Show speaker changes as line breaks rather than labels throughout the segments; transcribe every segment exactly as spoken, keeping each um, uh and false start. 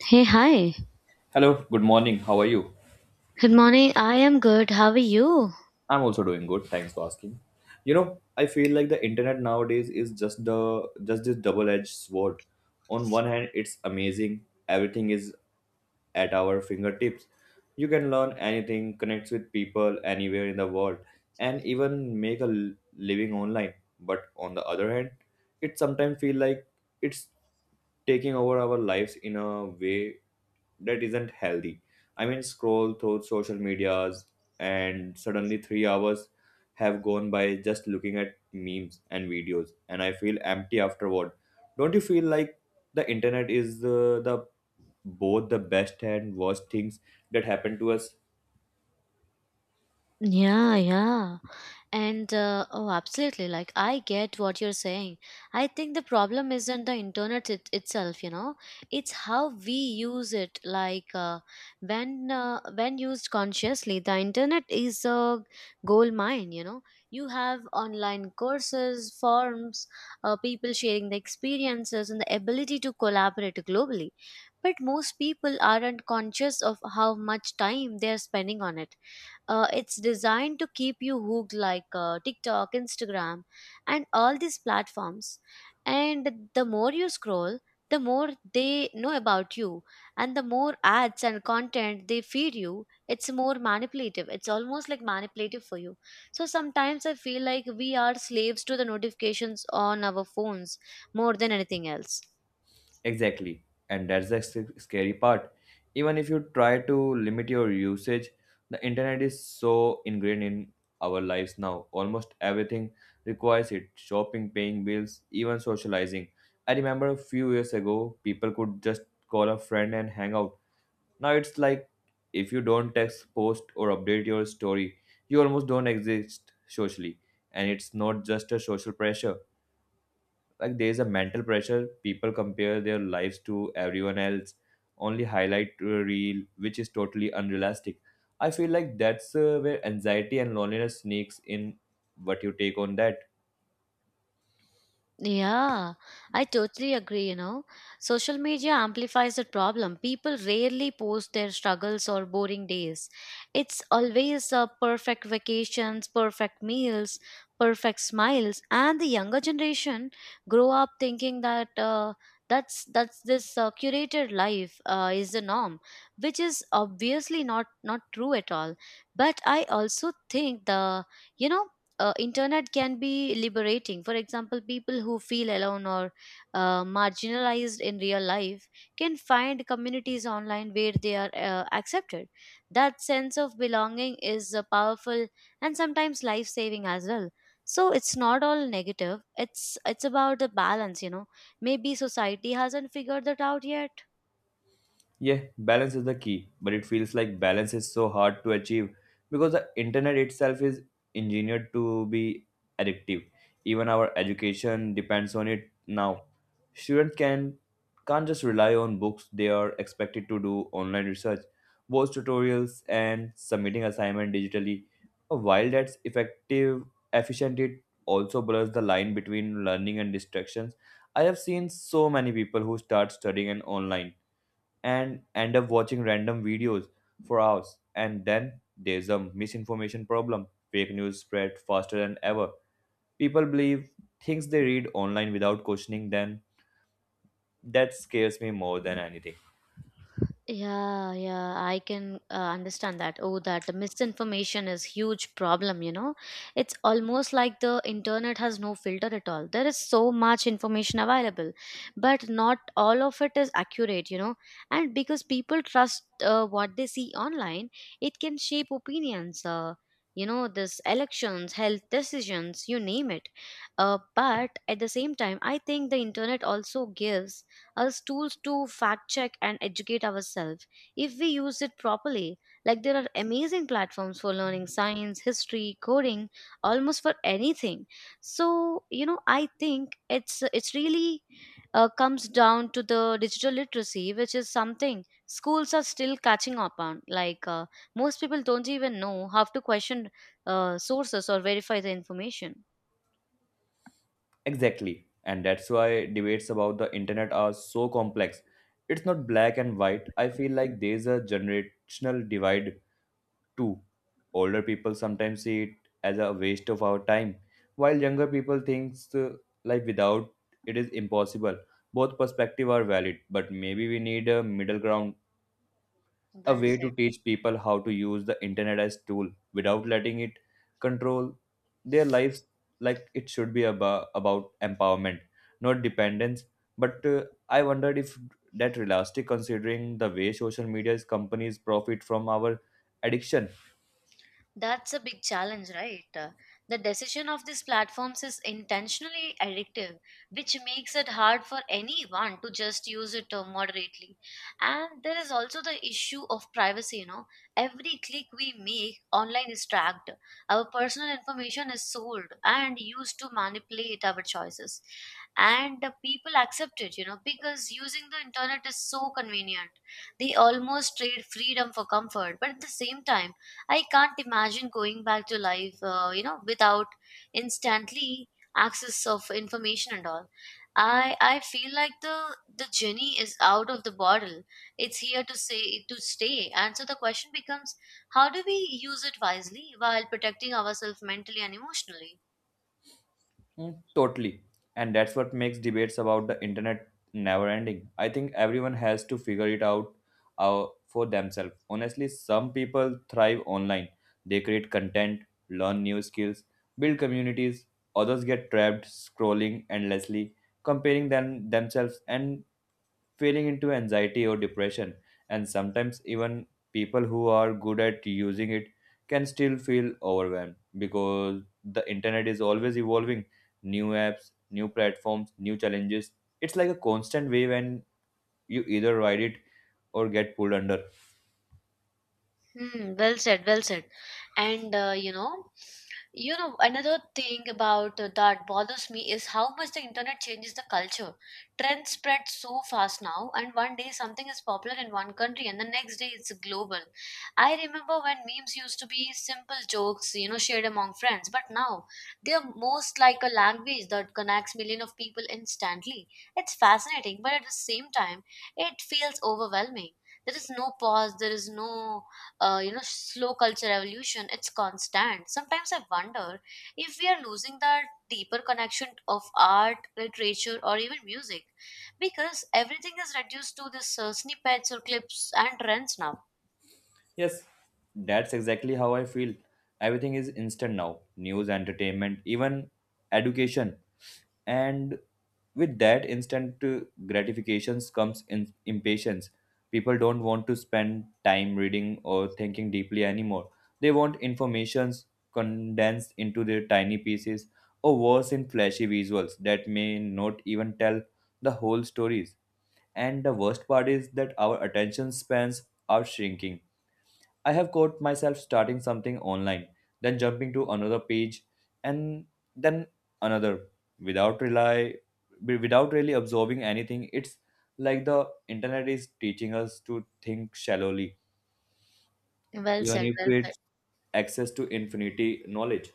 Hey, hi.
Hello, good morning. How are you?
Good morning. I am good. How are you?
I'm also doing good. Thanks for asking. You know, I feel like the internet nowadays is just the just this double-edged sword. On one hand, it's amazing. Everything is at our fingertips. You can learn anything, connect with people anywhere in the world, and even make a l- living online. But on the other hand, it sometimes feel like it's taking over our lives in a way that isn't healthy. I mean, scroll through social medias and suddenly three hours have gone by just looking at memes and videos, and I feel empty afterward. Don't you feel like the internet is uh, the both the best and worst things that happen to us?
Yeah, yeah. And uh, oh, absolutely. Like, I get what you're saying. I think the problem isn't the internet it, itself, you know, it's how we use it. Like, uh, when uh, when used consciously, the internet is a gold mine, you know. You have online courses, forums, uh, people sharing the experiences, and the ability to collaborate globally. But most people aren't conscious of how much time they're spending on it. Uh, it's designed to keep you hooked, like uh, TikTok, Instagram, and all these platforms. And the more you scroll, the more they know about you, and the more ads and content they feed you, it's more manipulative. It's almost like manipulative for you. So sometimes I feel like we are slaves to the notifications on our phones more than anything else.
Exactly, and that's the sc- scary part. Even if you try to limit your usage, the internet is so ingrained in our lives now. Almost everything requires it: shopping, paying bills, even socializing. I remember a few years ago, people could just call a friend and hang out. Now it's like if you don't text, post, or update your story, you almost don't exist socially. And it's not just a social pressure. Like there is a mental pressure. People compare their lives to everyone else, only highlight to a reel, which is totally unrealistic. I feel like that's uh, where anxiety and loneliness sneaks in. What you take on that?
Yeah, I totally agree, you know. Social media amplifies the problem. People rarely post their struggles or boring days. It's always uh, perfect vacations, perfect meals, perfect smiles, and the younger generation grow up thinking that uh, that's that's this uh, curated life uh, is the norm, which is obviously not not true at all. But I also think the you know uh, internet can be liberating. For example, people who feel alone or uh, marginalized in real life can find communities online where they are uh, accepted. That sense of belonging is uh, powerful and sometimes life saving as well. So it's not all negative. It's it's about the balance, you know. Maybe society hasn't figured that out yet.
Yeah, balance is the key, but it feels like balance is so hard to achieve because the internet itself is engineered to be addictive. Even our education depends on it now. Students can Can't just rely on books, they are expected to do online research, watch tutorials and submitting assignment digitally. While that's effective, efficient it also blurs the line between learning and distractions. I have seen so many people who start studying and online and end up watching random videos for hours. And then there's a misinformation problem. Fake news spread faster than ever. People believe things they read online without questioning them. That scares me more than anything.
Yeah, yeah, I can uh, understand that. Oh, that misinformation is huge problem, you know. It's almost like the internet has no filter at all. There is so much information available, but not all of it is accurate, you know. And because people trust uh, what they see online, it can shape opinions. Uh, you know, this elections, health decisions, you name it. Uh, but at the same time, I think the internet also gives as tools to fact check and educate ourselves if we use it properly. Like there are amazing platforms for learning science, history, coding, almost for anything. So, you know, I think it's it's really uh, comes down to the digital literacy, which is something schools are still catching up on. Like uh, most people don't even know how to question uh, sources or verify the information.
Exactly. And that's why debates about the internet are so complex. It's not black and white. I feel like there's a generational divide Two, Older people sometimes see it as a waste of our time, while younger people think uh, life without it is impossible. Both perspectives are valid, but maybe we need a middle ground, a
Well
way to
said.
teach people how to use the internet as tool without letting it control their lives. Like it should be about, about empowerment, not dependence. But uh, I wondered if that realistic considering the way social media's companies profit from our addiction.
That's a big challenge, right? Uh, The decision of these platforms is intentionally addictive, which makes it hard for anyone to just use it uh, moderately. And there is also the issue of privacy, you know. Every click we make online is tracked. Our personal information is sold and used to manipulate our choices. And the people accept it, you know, because using the internet is so convenient. They almost trade freedom for comfort, but at the same time, I can't imagine going back to life, uh, you know, without instantly access of information and all. I I feel like the the genie is out of the bottle. It's here to say to stay, and so the question becomes: how do we use it wisely while protecting ourselves mentally and emotionally?
Mm, totally. And that's what makes debates about the internet never ending. I think everyone has to figure it out uh, for themselves. Honestly, some people thrive online. They create content, learn new skills, build communities. Others get trapped scrolling endlessly, comparing them themselves and feeling into anxiety or depression. And sometimes, even people who are good at using it can still feel overwhelmed because the internet is always evolving new apps, new platforms, new challenges. It's like a constant wave, and you either ride it or get pulled under.
Hmm, well said, well said. And uh, you know, you know another thing about uh, that bothers me is how much the internet changes the culture. Trends spread so fast now, and one day something is popular in one country, and the next day it's global. I remember when memes used to be simple jokes, you know, shared among friends, but now they are most like a language that connects millions of people instantly. It's fascinating, but at the same time it feels overwhelming. There is no pause. There is no uh, you know slow culture evolution. It's constant. Sometimes I wonder if we are losing the deeper connection of art, literature, or even music, because everything is reduced to the uh, snippets or clips and trends now.
Yes, that's exactly how I feel. Everything is instant now news, entertainment, even education, and with that instant uh, gratifications comes in impatience. People don't want to spend time reading or thinking deeply anymore. They want informations condensed into their tiny pieces, or worse in flashy visuals that may not even tell the whole stories. And the worst part is that our attention spans are shrinking. I have caught myself starting something online, then jumping to another page, and then another without rely wi- without really absorbing anything. It's like the internet is teaching us to think shallowly,
Well
even
said,
if
well said.
it's access to infinity knowledge.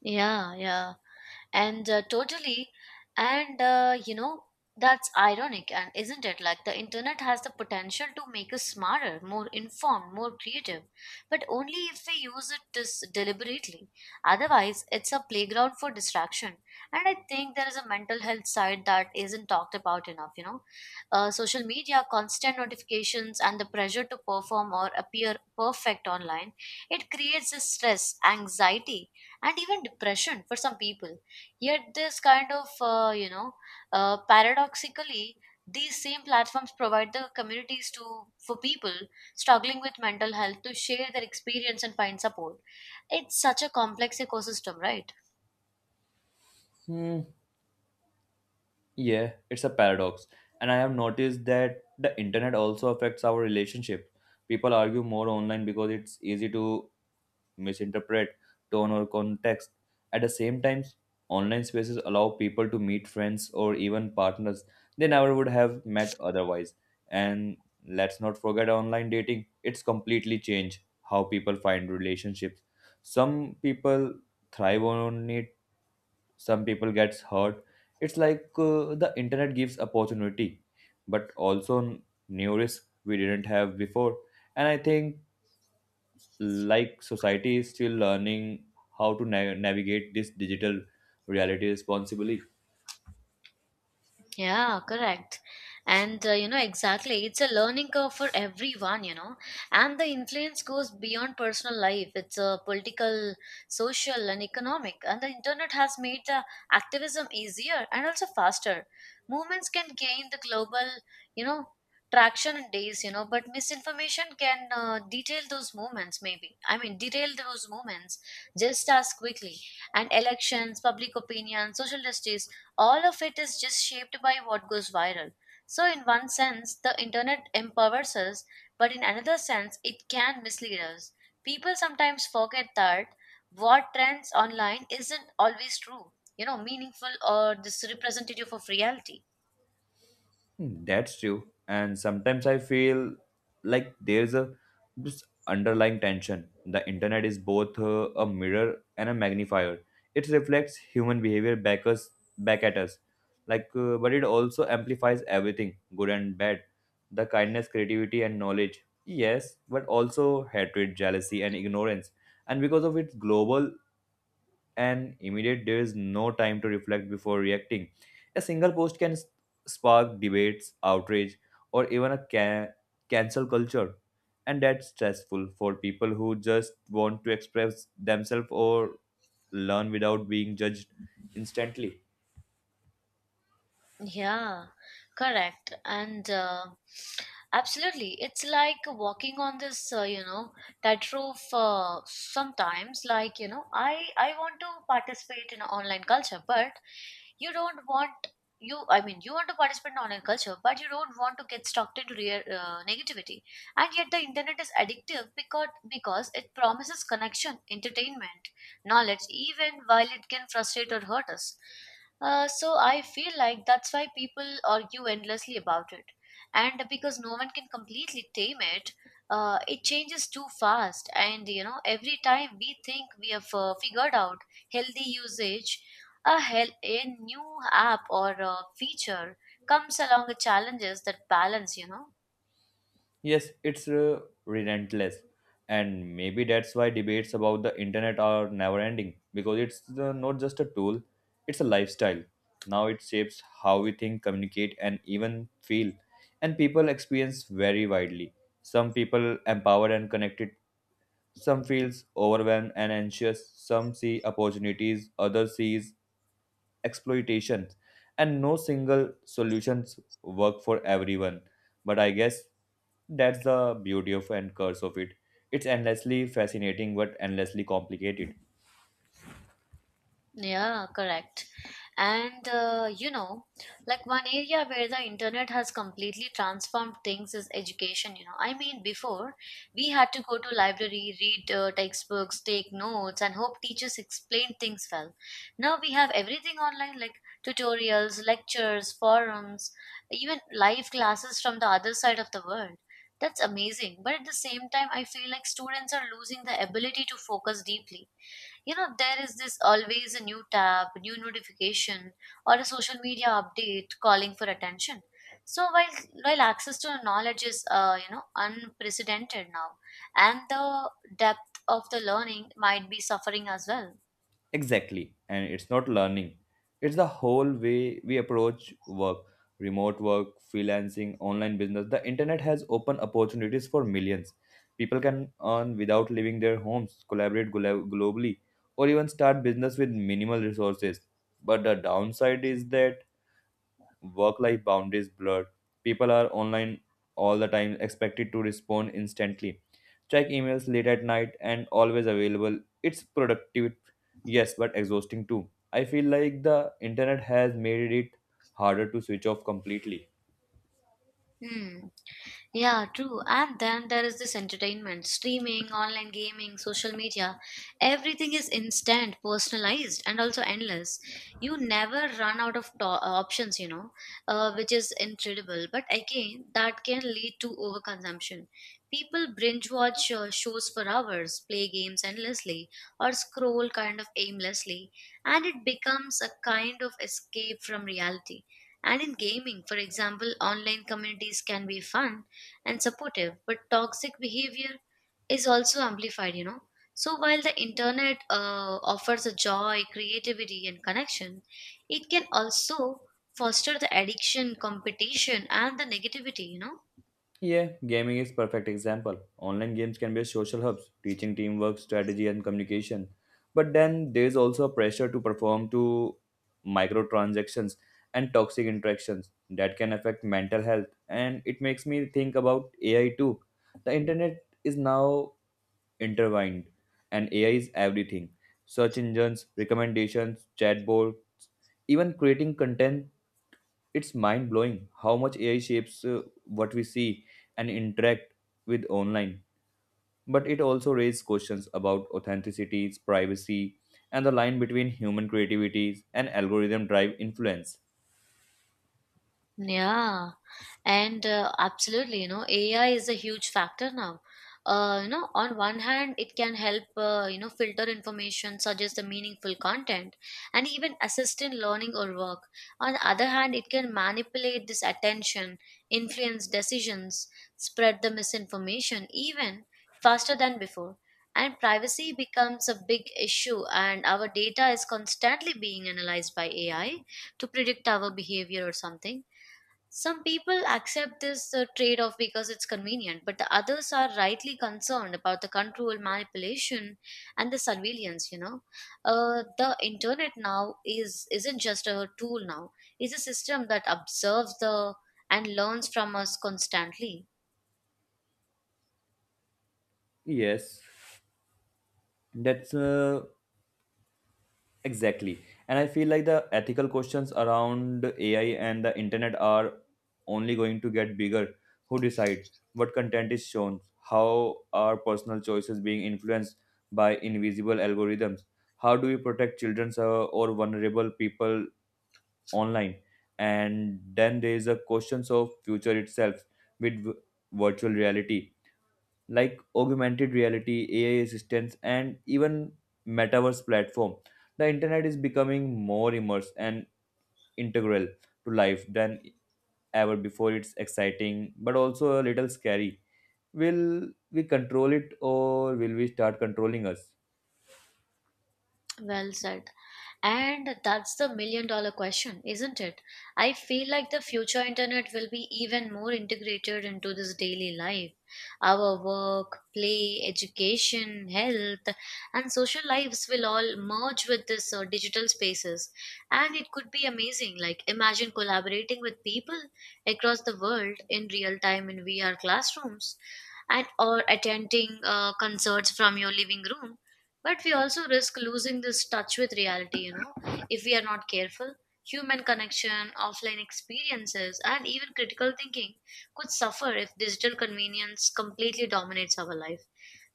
Yeah yeah and uh, totally and uh, You know, that's ironic, and isn't it? Like the internet has the potential to make us smarter, more informed, more creative, but only if we use it dis- deliberately. Otherwise it's a playground for distraction. And I think there is a mental health side that isn't talked about enough, you know. Uh, social media, constant notifications, and the pressure to perform or appear perfect online, it creates this stress, anxiety, and even depression for some people. Yet this kind of uh, you know uh, paradoxically, these same platforms provide the communities to for people struggling with mental health to share their experience and find support. It's such a complex ecosystem, right?
Hmm. Yeah, it's a paradox, and I have noticed that the internet also affects our relationship. People argue more online because it's easy to misinterpret tone or context. At the same time, online spaces allow people to meet friends or even partners they never would have met otherwise. And let's not forget online dating, it's completely changed how people find relationships. Some people thrive on it, some people gets hurt. It's like uh, the internet gives opportunity, but also new risk we didn't have before. And I think like society is still learning how to na- navigate this digital reality responsibly.
Yeah, correct. And uh, you know, exactly. It's a learning curve for everyone, you know. And the influence goes beyond personal life. It's uh, political, social, and economic. And the internet has made the activism easier and also faster. Movements can gain the global, you know, traction in days, you know, but misinformation can uh, detail those movements, maybe. I mean, detail those movements just as quickly. And elections, public opinion, social justice, all of it is just shaped by what goes viral. So, in one sense, the internet empowers us, but in another sense, it can mislead us. People sometimes forget that what trends online isn't always true, you know, meaningful or this representative of reality.
Hmm, that's true. And sometimes I feel like there's a this underlying tension. The internet is both uh, a mirror and a magnifier. It reflects human behavior back us back at us, like uh, but it also amplifies everything good and bad, the kindness creativity and knowledge, yes, but also hatred jealousy and ignorance. And because of its global and immediate there is no time to reflect before reacting. A single post can s- spark debates outrage, or even a ca- cancel culture. And that's stressful for people who just want to express themselves or learn without being judged instantly.
Yeah, correct. And uh, Absolutely, it's like walking on this, uh, you know, tightrope uh, sometimes. Like, you know, I I want to participate in online culture, but you don't want you I mean you want to participate in online culture, but you don't want to get stuck into real, uh, negativity. And yet the internet is addictive, because because it promises connection, entertainment, knowledge, even while it can frustrate or hurt us. Uh, so I feel like that's why people argue endlessly about it. And because no one can completely tame it, uh, it changes too fast. And you know, every time we think we have uh, figured out healthy usage, a, hel- a new app or a feature comes along with challenges that balance, you know.
Yes, it's uh, relentless. And maybe that's why debates about the internet are never ending because it's uh, not just a tool, it's a lifestyle. Now it shapes how we think, communicate, and even feel. And people experience very widely. Some people empowered and connected, some feels overwhelmed and anxious, some see opportunities, others sees exploitation, and no single solutions work for everyone. But I guess that's the beauty of and curse of it. It's endlessly fascinating but endlessly complicated.
Yeah, correct. And uh, you know, like, one area where the internet has completely transformed things is education. You know, I mean, before we had to go to library, read uh, textbooks, take notes, and hope teachers explained things well. Now we have everything online, like tutorials, lectures, forums, even live classes from the other side of the world. That's amazing, but at the same time, I feel like students are losing the ability to focus deeply. You know, there is this always a new tab, new notification, or a social media update calling for attention. So while while access to knowledge is uh, you know, unprecedented now, and the depth of the learning might be suffering as well.
Exactly. And it's not learning, it's the whole way we approach work, remote work, freelancing, online business. The internet has opened opportunities for millions. People can earn without leaving their homes, collaborate glo- globally, or even start business with minimal resources. But the downside is that work life boundaries blurred. People are online all the time, expected to respond instantly, check emails late at night, and always available. It's productive, yes, but exhausting too. I feel like the internet has made it harder to switch off completely.
Hmm. Yeah, true. And then there is this entertainment, streaming, online gaming, social media. Everything is instant, personalized, and also endless. You never run out of to- uh, options, you know, uh, which is incredible. But again, that can lead to overconsumption. People binge watch uh, shows for hours, play games endlessly, or scroll kind of aimlessly, and it becomes a kind of escape from reality. And in gaming, for example, online communities can be fun and supportive, but toxic behavior is also amplified, you know. So while the internet uh, offers a joy, creativity, and connection, it can also foster the addiction, competition, and the negativity, you know.
Yeah, gaming is perfect example. Online games can be social hubs, teaching teamwork, strategy, and communication. But then there's also a pressure to perform to microtransactions and toxic interactions that can affect mental health. And it makes me think about A I too. The internet is now intertwined, and A I is everything. Search engines, recommendations, chatbots, even creating content, it's mind blowing how much A I shapes uh, what we see and interact with online. But it also raises questions about authenticity, privacy, and the line between human creativity and algorithm drive influence.
Yeah, and uh, absolutely, you know, A I is a huge factor now. Uh, you know, on one hand, it can help, uh, you know, filter information, suggest the meaningful content, and even assist in learning or work. On the other hand, it can manipulate this attention, influence decisions, spread the misinformation even faster than before. And privacy becomes a big issue, and our data is constantly being analyzed by A I to predict our behavior or something. Some people accept this uh, trade off because it's convenient, but the others are rightly concerned about the control, manipulation, and the surveillance. You know, uh, the internet now is isn't just a tool now; it's a system that observes the and learns from us constantly.
Yes, that's uh, exactly. And I feel like the ethical questions around A I and the internet are only going to get bigger. Who decide what content is shown? How are personal choices being influenced by invisible algorithms? How do we protect children uh, or vulnerable people online? And then there is a question of future itself with v- virtual reality like augmented reality, A I assistants, and even metaverse platform. The internet is becoming more immersed and integral to life than ever before. It's exciting, but also a little scary. Will we control it or will we start controlling us?
Well said. And that's the million dollar question, isn't it? I feel like the future internet will be even more integrated into this daily life. Our work, play, education, health, and social lives will all merge with this uh, digital spaces. And it could be amazing. Like, imagine collaborating with people across the world in real time in V R classrooms, and or attending uh, concerts from your living room. But we also risk losing this touch with reality, you know, if we are not careful. Human connection, offline experiences, and even critical thinking could suffer if digital convenience completely dominates our life.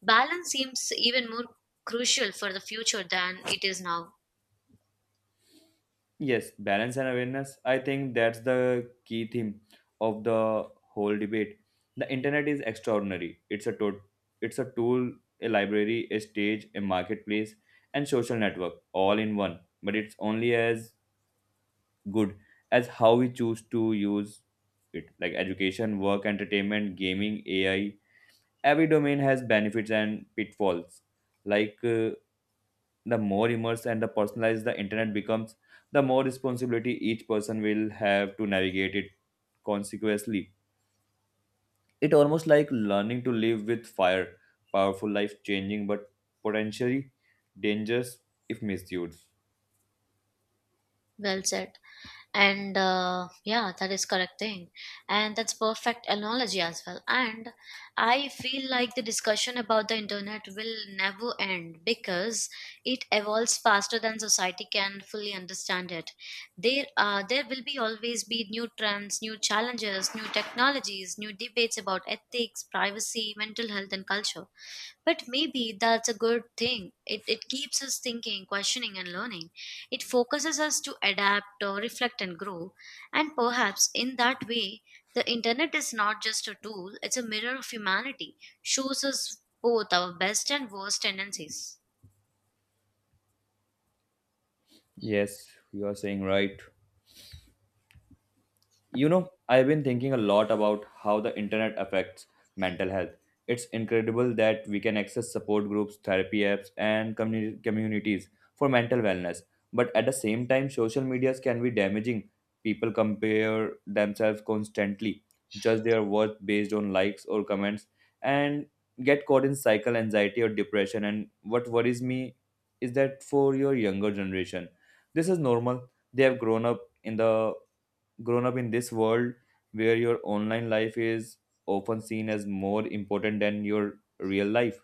Balance seems even more crucial for the future than it is now.
Yes, balance and awareness. I think that's the key theme of the whole debate. The internet is extraordinary. It's a to- it's a tool, a library, a stage, a marketplace, and social network all in one. But it's only as good as how we choose to use it. Like education, work, entertainment, gaming, A I. Every domain has benefits and pitfalls. Like uh, the more immersed and the personalized the internet becomes, the more responsibility each person will have to navigate it consequently. It almost like learning to live with fire, powerful, life changing, but potentially dangerous if misused.
Well said. And uh, Yeah, that is correct thing, and that's perfect analogy as well. And I feel like the discussion about the internet will never end because it evolves faster than society can fully understand it. There uh, there will be always be new trends, new challenges, new technologies, new debates about ethics, privacy, mental health, and culture. But maybe that's a good thing. It, it keeps us thinking, questioning, and learning. It focuses us to adapt, or reflect, and grow. And perhaps in that way, the internet is not just a tool, it's a mirror of humanity, shows us both our best and worst tendencies.
Yes, you are saying right. You know, I've been thinking a lot about how the internet affects mental health. It's incredible that we can access support groups, therapy apps, and communi- communities for mental wellness. But at the same time, social medias can be damaging. People compare themselves constantly, judge their worth based on likes or comments, and get caught in cycle anxiety or depression. And what worries me is that for your younger generation, this is normal. They have grown up in the grown up in this world where your online life is often seen as more important than your real life.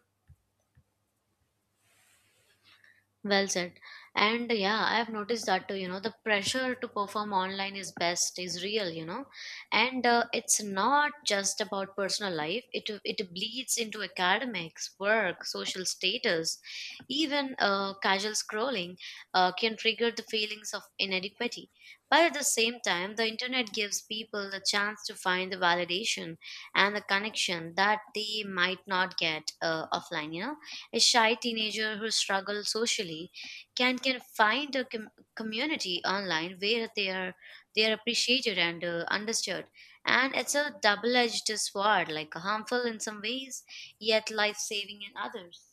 Well said. And yeah, I have noticed that too. You know, the pressure to perform online is best is real. You know, and uh, it's not just about personal life. It it bleeds into academics, work, social status, even uh, casual scrolling uh, can trigger the feelings of inadequacy. But at the same time, the internet gives people the chance to find the validation and the connection that they might not get uh, offline. You know, a shy teenager who struggles socially can can find a com- community online where they are they are appreciated and uh, understood. And it's a double-edged sword, like harmful in some ways, yet life-saving in others.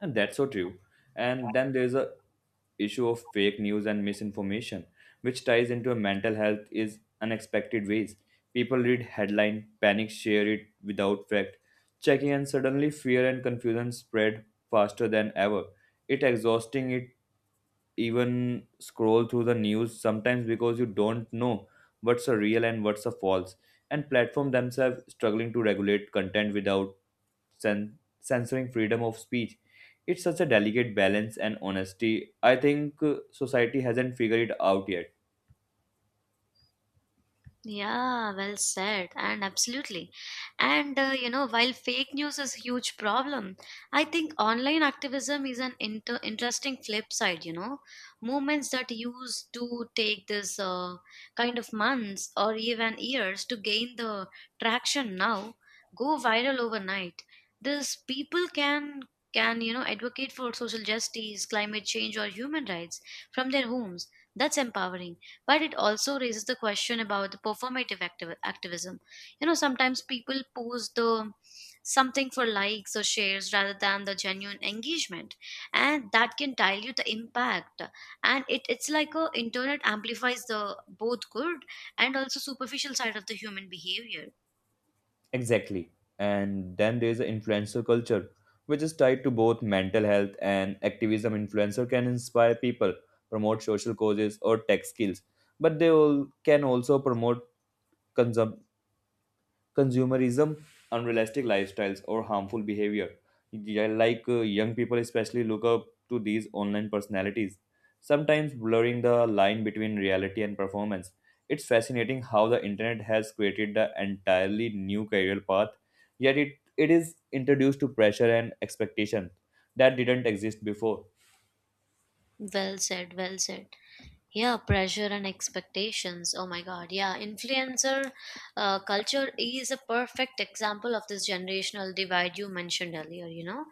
And that's so true. And then there's a issue of fake news and misinformation which ties into a mental health is unexpected ways. People read headline panic share it without fact checking, and suddenly fear and confusion spread faster than ever. It exhausting it even scroll through the news sometimes because you don't know what's a real and what's a false. And platform themselves struggling to regulate content without cen- censoring freedom of speech. It's such a delicate balance, and honesty I think uh, society hasn't figured it out yet.
Yeah, well said, and absolutely. And uh, You know, while fake news is a huge problem, I think online activism is an inter interesting flip side, you know. Movements that used to take this uh, kind of months or even years to gain the traction now go viral overnight. This people can can, you know, advocate for social justice, climate change, or human rights from their homes. That's empowering, but it also raises the question about the performative activ- activism You know, sometimes people post the something for likes or shares rather than the genuine engagement, and that can dilute the impact. And it, it's like a internet amplifies the both good and also superficial side of the human behavior.
Exactly. And then there's the influencer culture which is tied to both mental health and activism. Influencer can inspire people, promote social causes or tech skills, but they all can also promote consum- consumerism, unrealistic lifestyles, or harmful behavior. Yeah, like uh, young people, especially, look up to these online personalities, sometimes blurring the line between reality and performance. It's fascinating how the internet has created the entirely new career path, yet it, it is introduced to pressure and expectation that didn't exist before.
Well said, well said. Yeah, pressure and expectations. Oh my God. Yeah, influencer uh, culture is a perfect example of this generational divide you mentioned earlier. You know,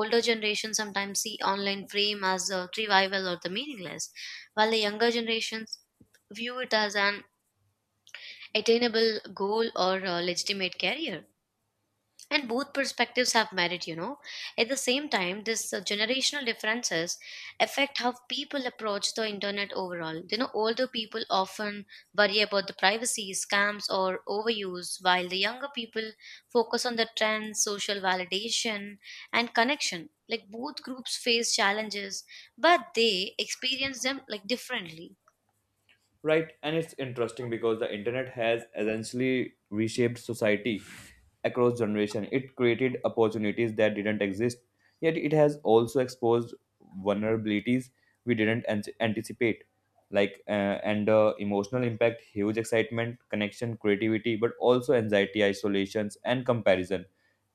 older generations sometimes see online fame as a trivial or the meaningless, while the younger generations view it as an attainable goal or a legitimate career. And both perspectives have merit, you know. At the same time, this uh, generational differences affect how people approach the internet overall. You know, older people often worry about the privacy, scams, or overuse, while the younger people focus on the trends, social validation, and connection. Like, both groups face challenges, but they experience them like differently.
Right, and it's interesting because the internet has essentially reshaped society across generation. It created opportunities that didn't exist, yet it has also exposed vulnerabilities we didn't an- anticipate. Like uh, and the emotional impact, huge excitement, connection, creativity, but also anxiety, isolations, and comparison.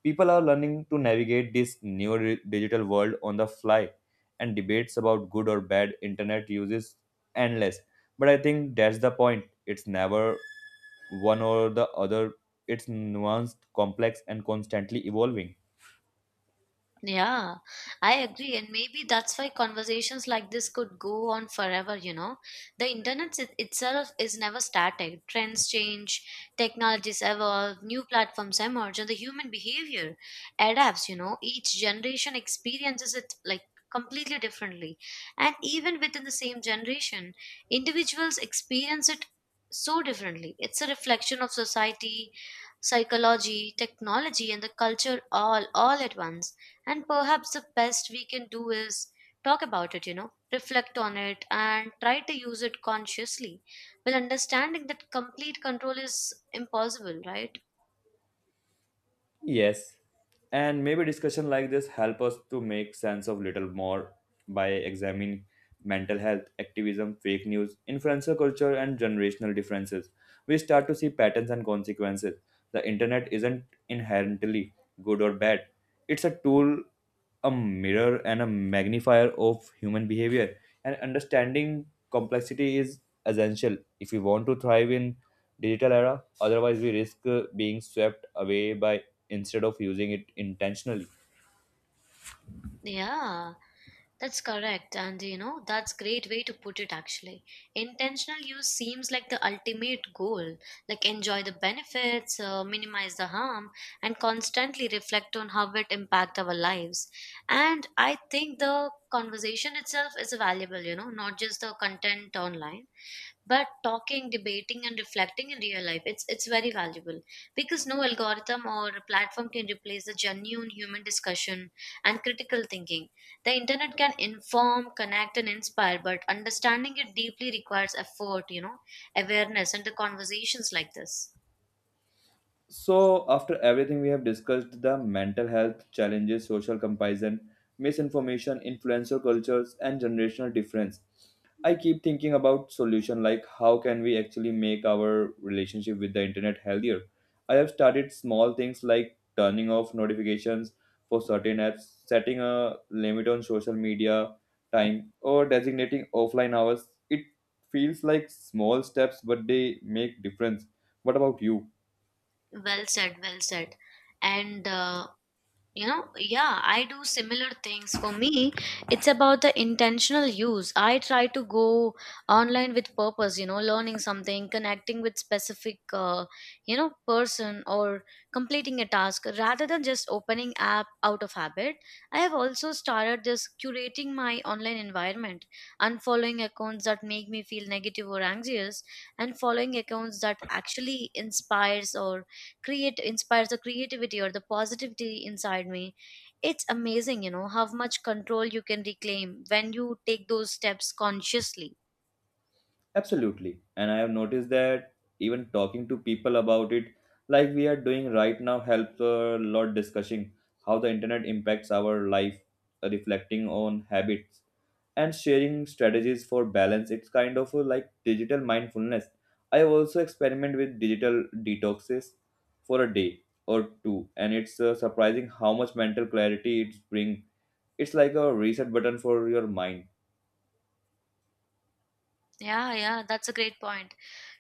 People are learning to navigate this new di- digital world on the fly, and debates about good or bad internet use is endless. But I think that's the point. It's never one or the other, it's nuanced, complex, and constantly evolving.
Yeah, I agree. And maybe that's why conversations like this could go on forever, you know. The internet it- itself is never static. Trends change, technologies evolve, new platforms emerge, and the human behavior adapts, you know. Each generation experiences it like completely differently. And even within the same generation, individuals experience it so differently. It's a reflection of society, psychology, technology, and the culture all all at once. And perhaps the best we can do is talk about it, you know, reflect on it, and try to use it consciously, while understanding that complete control is impossible, right?
Yes, and maybe discussion like this help us to make sense of little more by examining mental health, activism, fake news, influencer culture, and generational differences. We start to see patterns and consequences. The internet isn't inherently good or bad, it's a tool, a mirror and a magnifier of human behavior. And understanding complexity is essential if we want to thrive in digital era, otherwise we risk uh, being swept away by instead of using it intentionally.
Yeah. That's correct, and you know, that's great way to put it actually. Intentional use seems like the ultimate goal, like enjoy the benefits, uh, minimize the harm, and constantly reflect on how it impact our lives. And I think the conversation itself is valuable, you know, not just the content online, but talking, debating, and reflecting in real life. It's it's very valuable because no algorithm or platform can replace the genuine human discussion and critical thinking. The internet can inform, connect, and inspire, but understanding it deeply requires effort, you know, awareness, and the conversations like this.
So, after everything we have discussed the mental health challenges, social comparison, misinformation, influencer cultures, and generational difference, I keep thinking about solution like how can we actually make our relationship with the internet healthier. I have started small things like turning off notifications for certain apps, setting a limit on social media time, or designating offline hours. It feels like small steps, but they make difference. What about you?
Well said, well said. And uh, You know, yeah, I do similar things. For me, it's about the intentional use. I try to go online with purpose, you know, learning something, connecting with specific, uh, you know person, or completing a task rather than just opening app out of habit. I have also started this curating my online environment, unfollowing accounts that make me feel negative or anxious, and following accounts that actually inspires or create inspires the creativity or the positivity inside me. It's amazing, you know, how much control you can reclaim when you take those steps consciously.
Absolutely. And I have noticed that even talking to people about it, like we are doing right now, helps a lot discussing how the internet impacts our life, uh, reflecting on habits, and sharing strategies for balance. It's kind of a, like digital mindfulness. I also experiment with digital detoxes for a day or two, and it's uh, surprising how much mental clarity it's bring. It's like a reset button for your mind.
Yeah, yeah, that's a great point.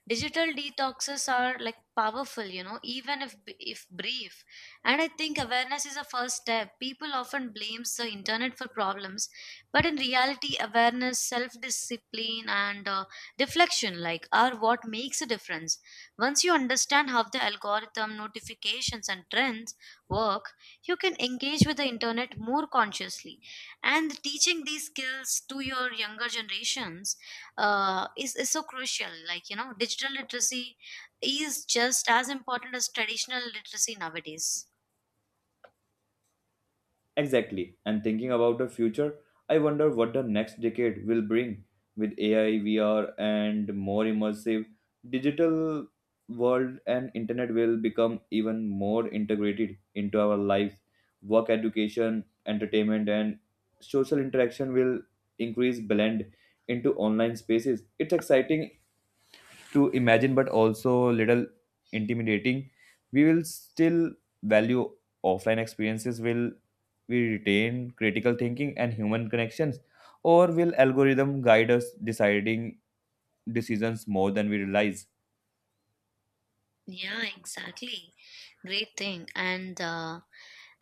Digital detoxes are like powerful, you know, even if if brief. And I think awareness is a first step. People often blames the internet for problems, but in reality, awareness, self discipline, and uh, reflection, like, are what makes a difference. Once you understand how the algorithm, notifications, and trends work, you can engage with the internet more consciously. And teaching these skills to your younger generations uh, is, is so crucial. Like, you know, digital literacy is just as important as traditional literacy nowadays.
Exactly. And thinking about the future, I wonder what the next decade will bring with A I, V R, and more immersive digital world, and internet will become even more integrated into our lives. Work education, entertainment, and social interaction will increase blend into online spaces. It's exciting to imagine but also little intimidating. We will still value offline experiences? Will we retain critical thinking and human connections, or will algorithm guide us deciding decisions more than we realize?
Yeah, exactly. Great thing. And, uh,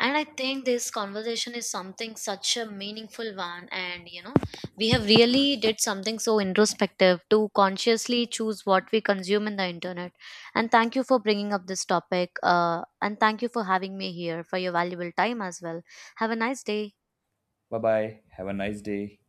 and I think this conversation is something such a meaningful one. And, you know, we have really did something so introspective to consciously choose what we consume in the internet. And thank you for bringing up this topic. Uh, and thank you for having me here for your valuable time as well. Have a nice day.
Bye bye, have a nice day.